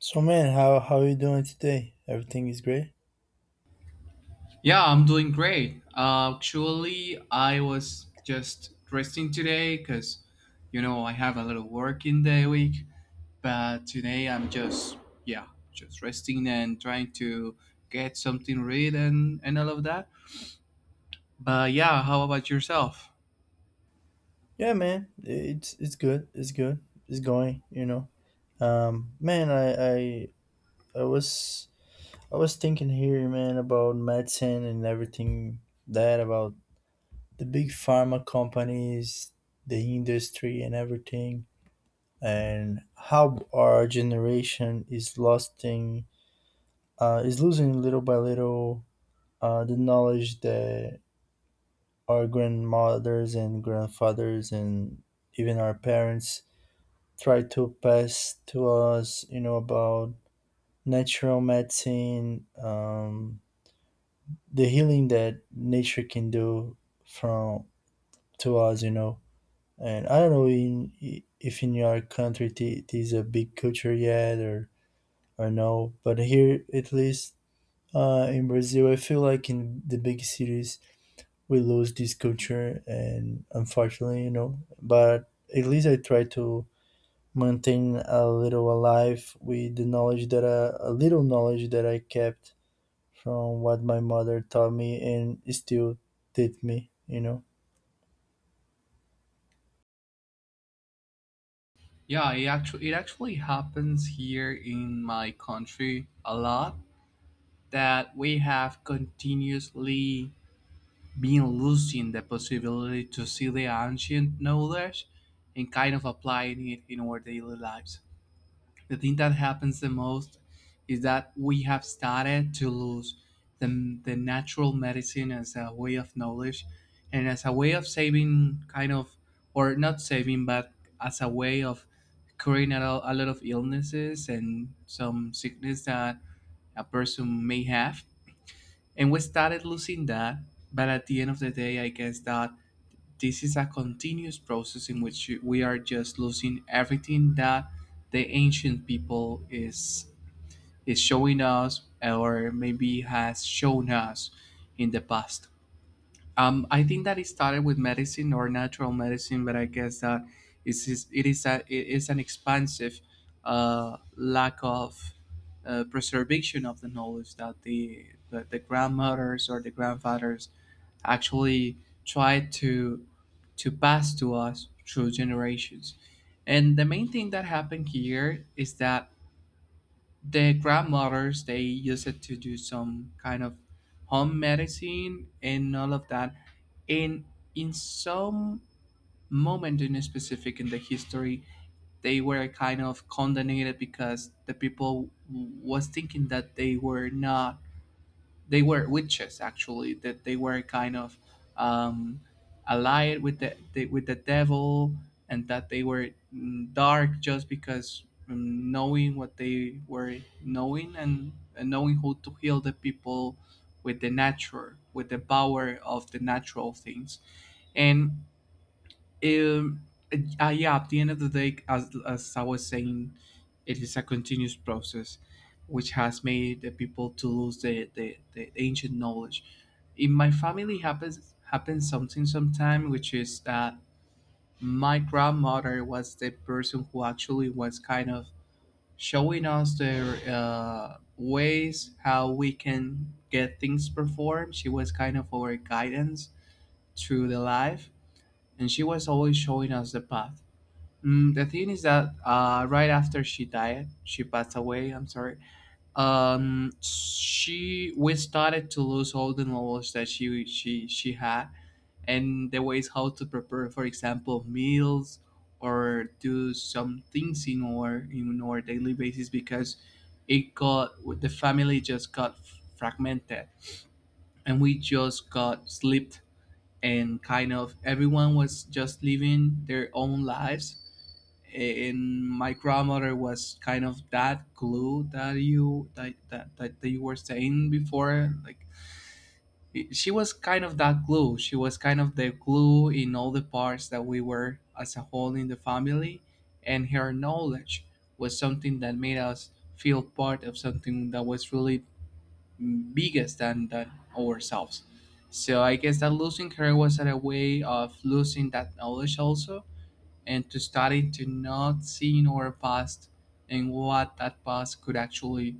So man, how are you doing today? Everything is great? Yeah, I'm doing great. Actually, I was just resting today because, you know, I have a little work in the week. But today I'm just, yeah, just resting and trying to get something read and all of that. But yeah, how about yourself? Yeah, man, it's good. It's good. It's going. Man, I I was I was thinking here, man, about medicine and everything that about the big pharma companies, the industry, and everything, and how our generation is losing, is losing little by little, the knowledge that our grandmothers and grandfathers and even our parents try to pass to us, about natural medicine, the healing that nature can do from to us. And I don't know in, if in your country it is a big culture yet or no, but here at least in Brazil, I feel like in the big cities we lose this culture and unfortunately, but at least I try to maintain a little alive with the knowledge that a little knowledge that I kept from what my mother taught me and still did me. Yeah, it actually happens here in my country a lot that we have continuously being losing the possibility to see the ancient knowledge and kind of applying it in our daily lives. The thing that happens the most is that we have started to lose the natural medicine as a way of knowledge and as a way of saving, kind of, or not saving, but as a way of curing a lot of illnesses and some sickness that a person may have, and we started losing that. But at the end of the day, I guess that this is a continuous process in which we are just losing everything that the ancient people is showing us, or maybe has shown us in the past. I think that it started with medicine or natural medicine, but I guess that it is it is an expansive lack of preservation of the knowledge that the grandmothers or the grandfathers actually tried to pass to us through generations. And the main thing that happened here is that the grandmothers they use it to do some kind of home medicine and all of that, and in some moment in specific in the history they were kind of condemned because the people was thinking that they were not, they were witches actually, that they were kind of um, allied with the with the devil, and that they were dark just because, knowing what they were knowing, and knowing how to heal the people with the nature, with the power of the natural things. And um, yeah, at the end of the day, as I was saying, it is a continuous process which has made the people to lose the ancient knowledge. In my family happens something sometime, which is that my grandmother was the person who actually was kind of showing us their ways how we can get things performed. She was kind of our guidance through the life, and she was always showing us the path. Mm, the thing is that right after she died, she passed away. I'm sorry. She, we started to lose all the knowledge that she had, and the ways how to prepare, for example, meals or do some things in our daily basis because it got, the family just got fragmented, and we just got slipped and kind of everyone was just living their own lives, and my grandmother was kind of that glue that you that you were saying before, like, it- she was kind of that glue, she was kind of the glue in all the parts that we were as a whole in the family, and her knowledge was something that made us feel part of something that was really biggest than ourselves. So I guess that losing her was a way of losing that knowledge also, and to study to not seeing our past, and what that past could actually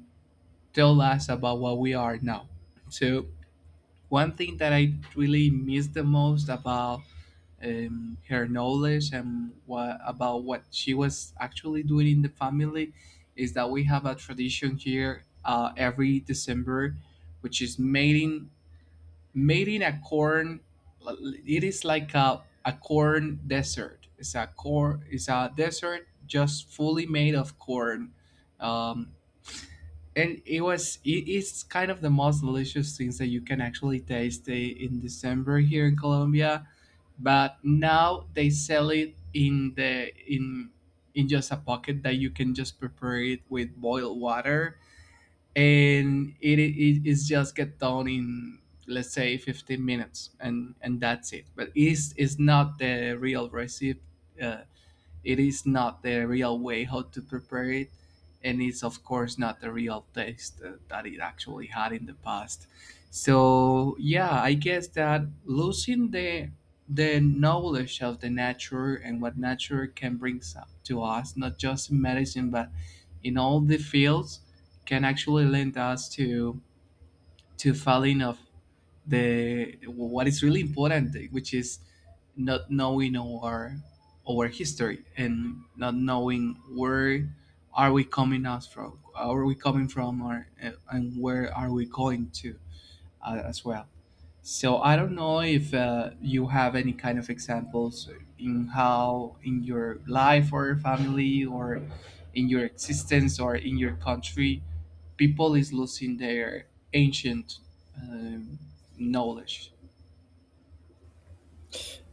tell us about what we are now. So one thing that I really miss the most about her knowledge and what about what she was actually doing in the family is that we have a tradition here every December, which is mating made in a corn, it is like a corn desert, it's a corn, it's a desert just fully made of corn. um, and it was, it is kind of the most delicious things that you can actually taste, eh, in December here in Colombia, but now they sell it in the in just a pocket that you can just prepare it with boiled water, and it is just get done in, let's say, 15 minutes, and that's it. But it's not the real recipe. uh, it is not the real way how to prepare it, and it's of course not the real taste that it actually had in the past. So yeah, I guess that losing the knowledge of the nature and what nature can bring to us, not just in medicine but in all the fields, can actually lend us to falling of the what is really important, which is not knowing our history, and not knowing where are we are we coming from, or, and where are we going to, as well. So I don't know if, you have any kind of examples in how in your life or family or in your existence or in your country, people is losing their ancient, um, knowledge.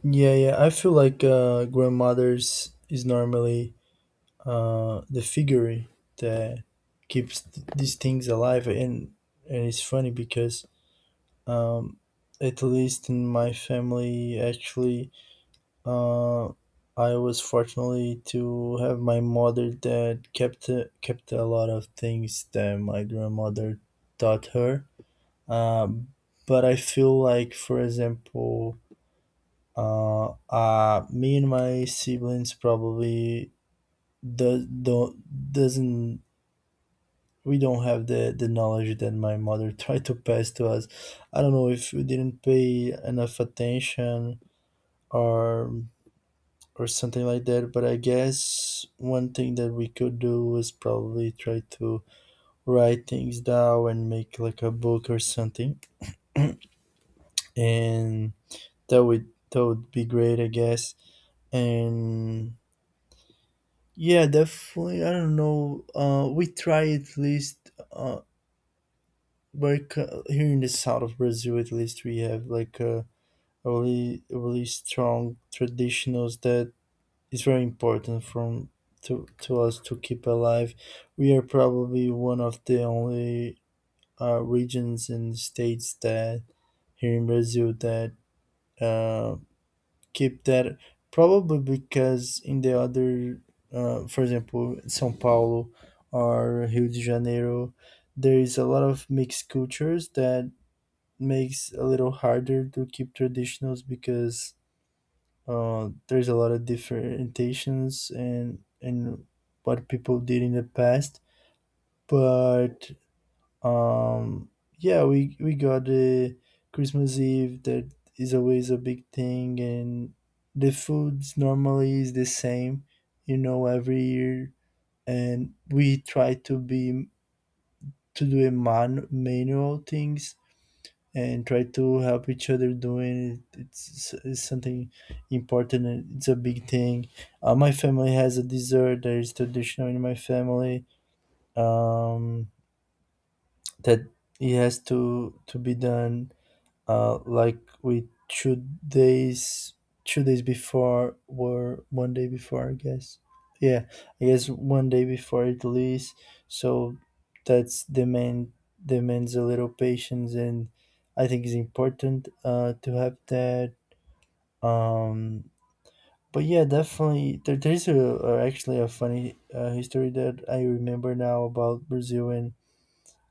Yeah, yeah, I feel like grandmothers is normally the figure that keeps these things alive. And it's funny because um, at least in my family actually, Uh, I was fortunately to have my mother that kept a lot of things that my grandmother taught her. Um, but I feel like, for example, me and my siblings probably do, don't doesn't we don't have the knowledge that my mother tried to pass to us. I don't know if we didn't pay enough attention or something like that. But I guess one thing that we could do is probably try to write things down and make like a book or something, and that would be great, I guess. And yeah, definitely. I don't know. We try at least. Like here in the south of Brazil, at least we have like a really strong traditionals that it's very important from to us to keep alive. We are probably one of the only regions and states, that here in Brazil that uh, keep that. Probably because in the other, for example, São Paulo or Rio de Janeiro, there is a lot of mixed cultures that makes a little harder to keep traditionals because there's a lot of differentiations and what people did in the past. But um, yeah, we got the Christmas Eve that is always a big thing, and the foods normally is the same, you know, every year, and we try to do a manual things and try to help each other doing it. It's something important and it's a big thing. My family has a dessert that is traditional in my family, um, that it has to be done, like we 2 days 2 days before or one day before, I guess. Yeah, I guess one day before it leaves. So that's demands a little patience, and I think it's important to have that um but yeah, definitely there's a actually a funny history that I remember now about Brazil and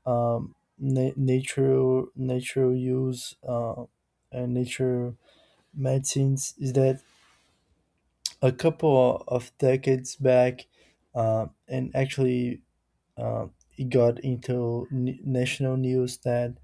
natural use, and nature medicines, is that a couple of decades back, and actually uh, it got into national news, that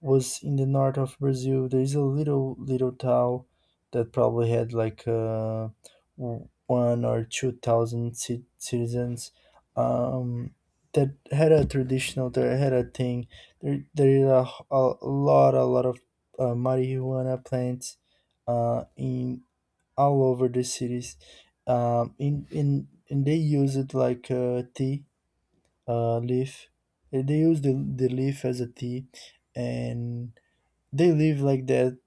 was in the north of Brazil. There is a little town that probably had like one or two thousand citizens. Um, that had a traditional, that had a thing. There is a lot of marijuana plants in all over the cities. In and they use it like a tea leaf. They use the leaf as a tea, and they live like that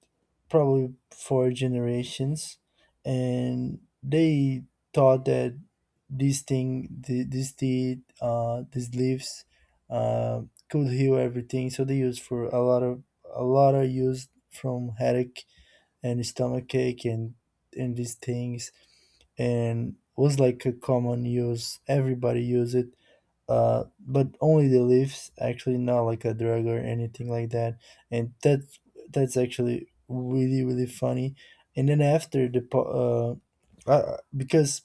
probably for generations. And they thought that this thing, this tea, these leaves, uh, could heal everything. So they use for a lot of use from headache and stomach ache and these things, and was like a common use. Everybody use it, but only the leaves actually, not like a drug or anything like that. And that's actually really really funny. And then because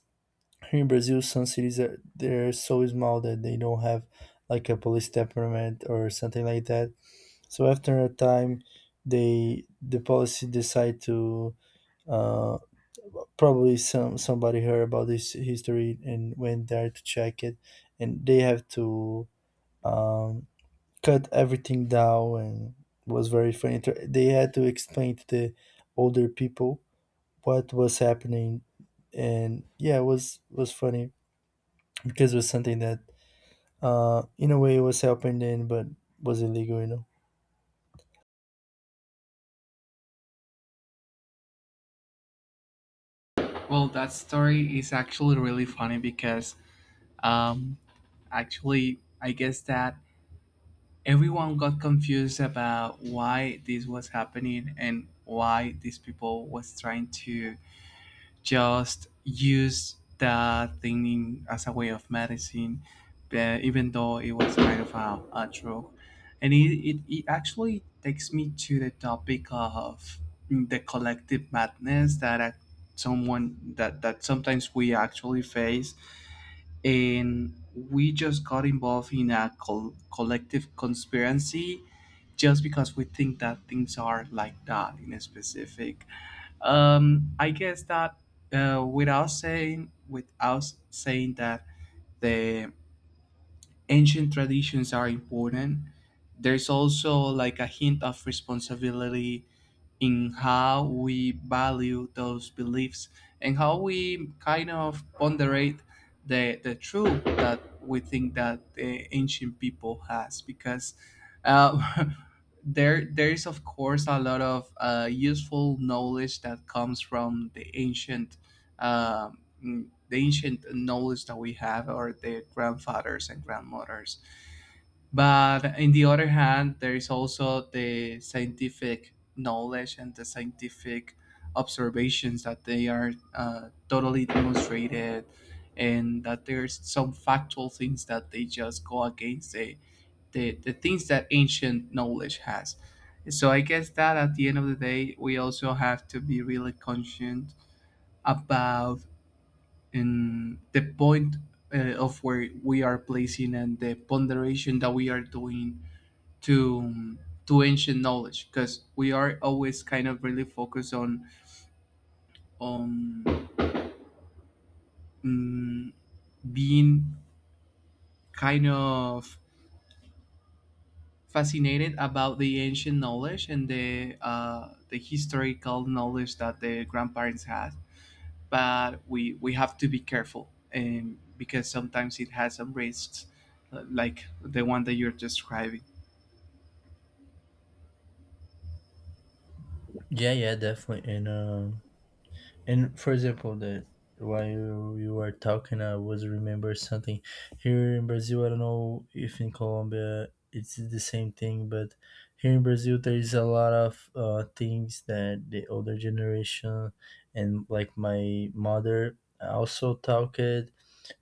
here in Brazil some cities are they're so small that they don't have like a police department or something like that. So after a time, the policy decide to, uh, probably somebody heard about this history and went there to check it, and they have to, um, cut everything down. And was very funny. They had to explain to the older people what was happening, and yeah, it was funny because it was something that, in a way was happening, but was illegal. Well, that story is actually really funny because, um, actually I guess that everyone got confused about why this was happening and why these people was trying to just used that thing in, as a way of medicine, even though it was kind of a drug. And it actually takes me to the topic of the collective madness that, someone that sometimes we actually face. And we just got involved in a collective conspiracy just because we think that things are like that in a specific, I guess that, without saying that the ancient traditions are important. There's also like a hint of responsibility in how we value those beliefs and how we kind of ponderate the truth that we think that the ancient people has, because uh, there is of course a lot of useful knowledge that comes from the ancient, the ancient knowledge that we have, or the grandfathers and grandmothers. But in the other hand, there is also the scientific knowledge and the scientific observations that they are totally demonstrated, and that there's some factual things that they just go against the things that ancient knowledge has. So I guess that at the end of the day, we also have to be really conscient about and the point of where we are placing and the ponderation that we are doing to to ancient knowledge, because we are always kind of really focused on, mm, being kind of fascinated about the ancient knowledge and the, the historical knowledge that the grandparents had, but we have to be careful and because sometimes it has some risks, like the one that you're describing. Yeah, yeah, definitely. And for example, that while you were talking, I was remember something here in Brazil. I don't know if in Colombia it's the same thing, but here in Brazil there is a lot of things that the older generation, and like my mother, also talked,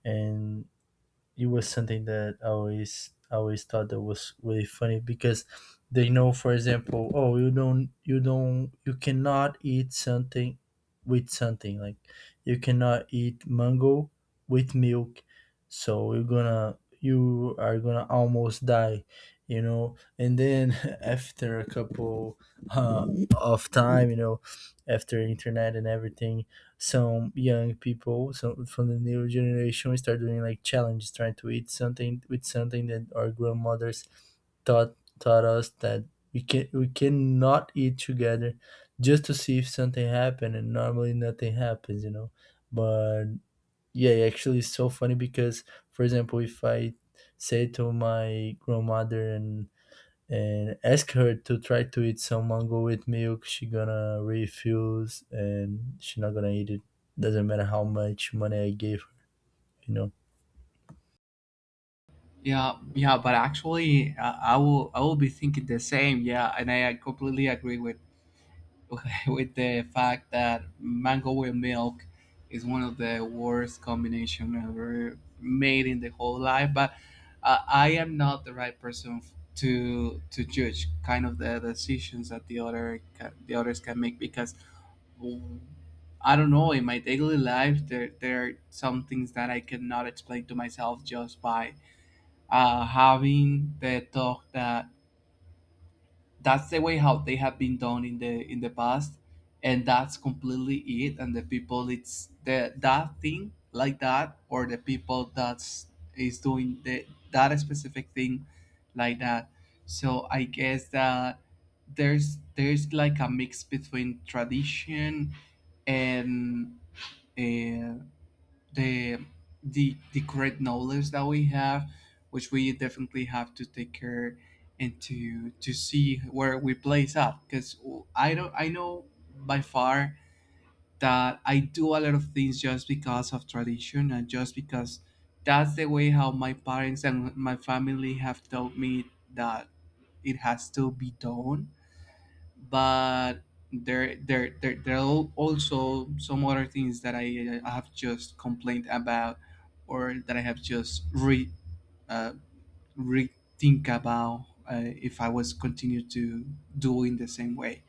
and it was something that I always thought that was really funny because they know, for example, oh, you cannot eat something with something, like you cannot eat mango with milk, so you are gonna almost die. And then after a couple uh, of time, after internet and everything, some young people, some from the new generation, start doing like challenges, trying to eat something with something that our grandmothers taught us that we cannot eat together, just to see if something happened, and normally nothing happens. But yeah, actually it's so funny because, for example, if I say to my grandmother and ask her to try to eat some mango with milk, she gonna refuse and she not gonna eat it, doesn't matter how much money I gave her you know Yeah, yeah, but actually, I will be thinking the same. Yeah, and I completely agree with with the fact that mango with milk is one of the worst combination ever made in the whole life. But I am not the right person to judge kind of the decisions that the the others can make, because, mm, I don't know, in my daily life there there are some things that I cannot explain to myself just by having the talk that that's the way how they have been done in the past, and that's completely it, and the people it's the that thing like that, or the people that's is doing the that specific thing like that. So I guess that there's like a mix between tradition and, uh, the the great knowledge that we have, which we definitely have to take care and to see where we place up. Because I don't, I know by far that I do a lot of things just because of tradition, and just because that's the way how my parents and my family have taught me that it has to be done. But there there are also some other things that I have just complained about, or that I have just re, uh, rethink about, if I was continue to do in the same way.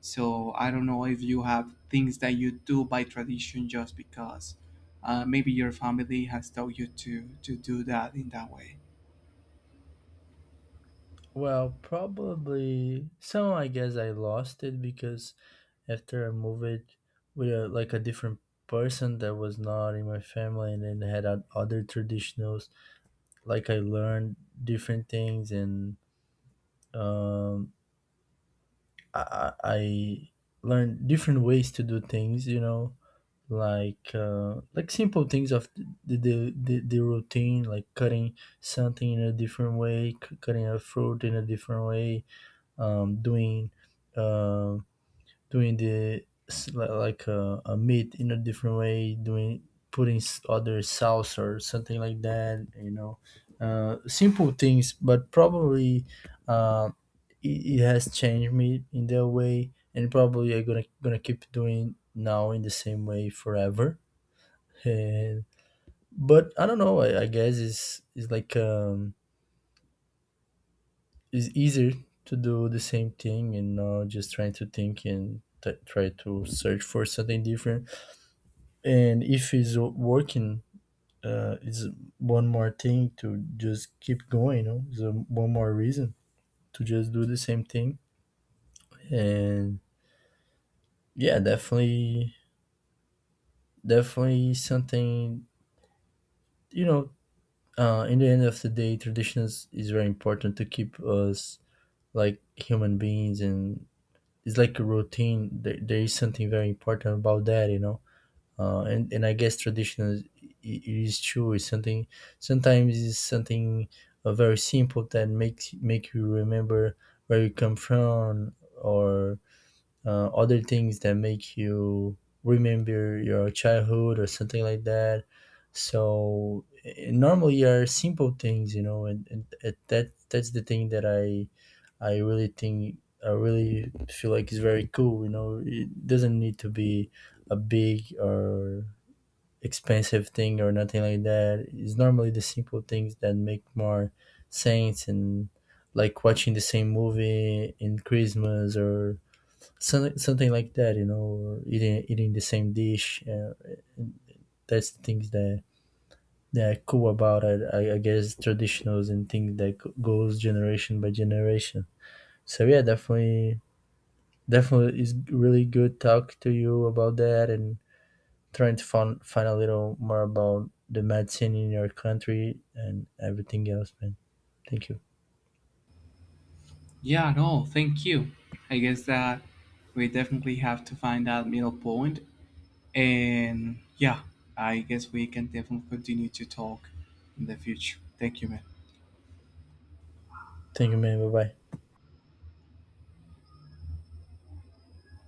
So I don't know if you have things that you do by tradition just because, maybe your family has taught you to do that in that way. well, probably some, I guess I lost it, because after I moved with like a different person that was not in my family, and then had other traditionals, like I learned different things, and um, I learned different ways to do things, like simple things of the routine, like cutting something in a different way, cutting a fruit in a different way, doing, uh, doing the s- li- like a meat in a different way, doing putting s- other sauce or something like that, simple things, but probably uh, it has changed me in that way, and probably I'm gonna keep doing now in the same way forever. And but I don't know. I guess it's like it's easier to do the same thing and not just trying to think and try to search for something different. And if it's working, it's one more thing to just keep going. You know, it's one more reason to just do the same thing. And yeah, definitely, definitely something. You know, in the end of the day, traditions is very important to keep us like human beings, and it's like a routine. There is something very important about that, and I guess traditional is, it is true, it's something, sometimes it's something very simple, that makes make you remember where you come from, or other things that make you remember your childhood or something like that. So normally are simple things, and that's the thing that I really think, I really feel like it's very cool. You know, it doesn't need to be a big or expensive thing or nothing like that. It's normally the simple things that make more sense, and like watching the same movie in Christmas, or some, something like that. You know, or eating the same dish. That's the things that are cool about it. I guess traditionals and things that goes generation by generation. So yeah, definitely it's really good talk to you about that, and trying to find a little more about the medicine in your country and everything else, man. Thank you. Yeah, no, thank you. I guess that we definitely have to find that middle point. And yeah, I guess we can definitely continue to talk in the future. Thank you, man. Thank you, man. Bye bye.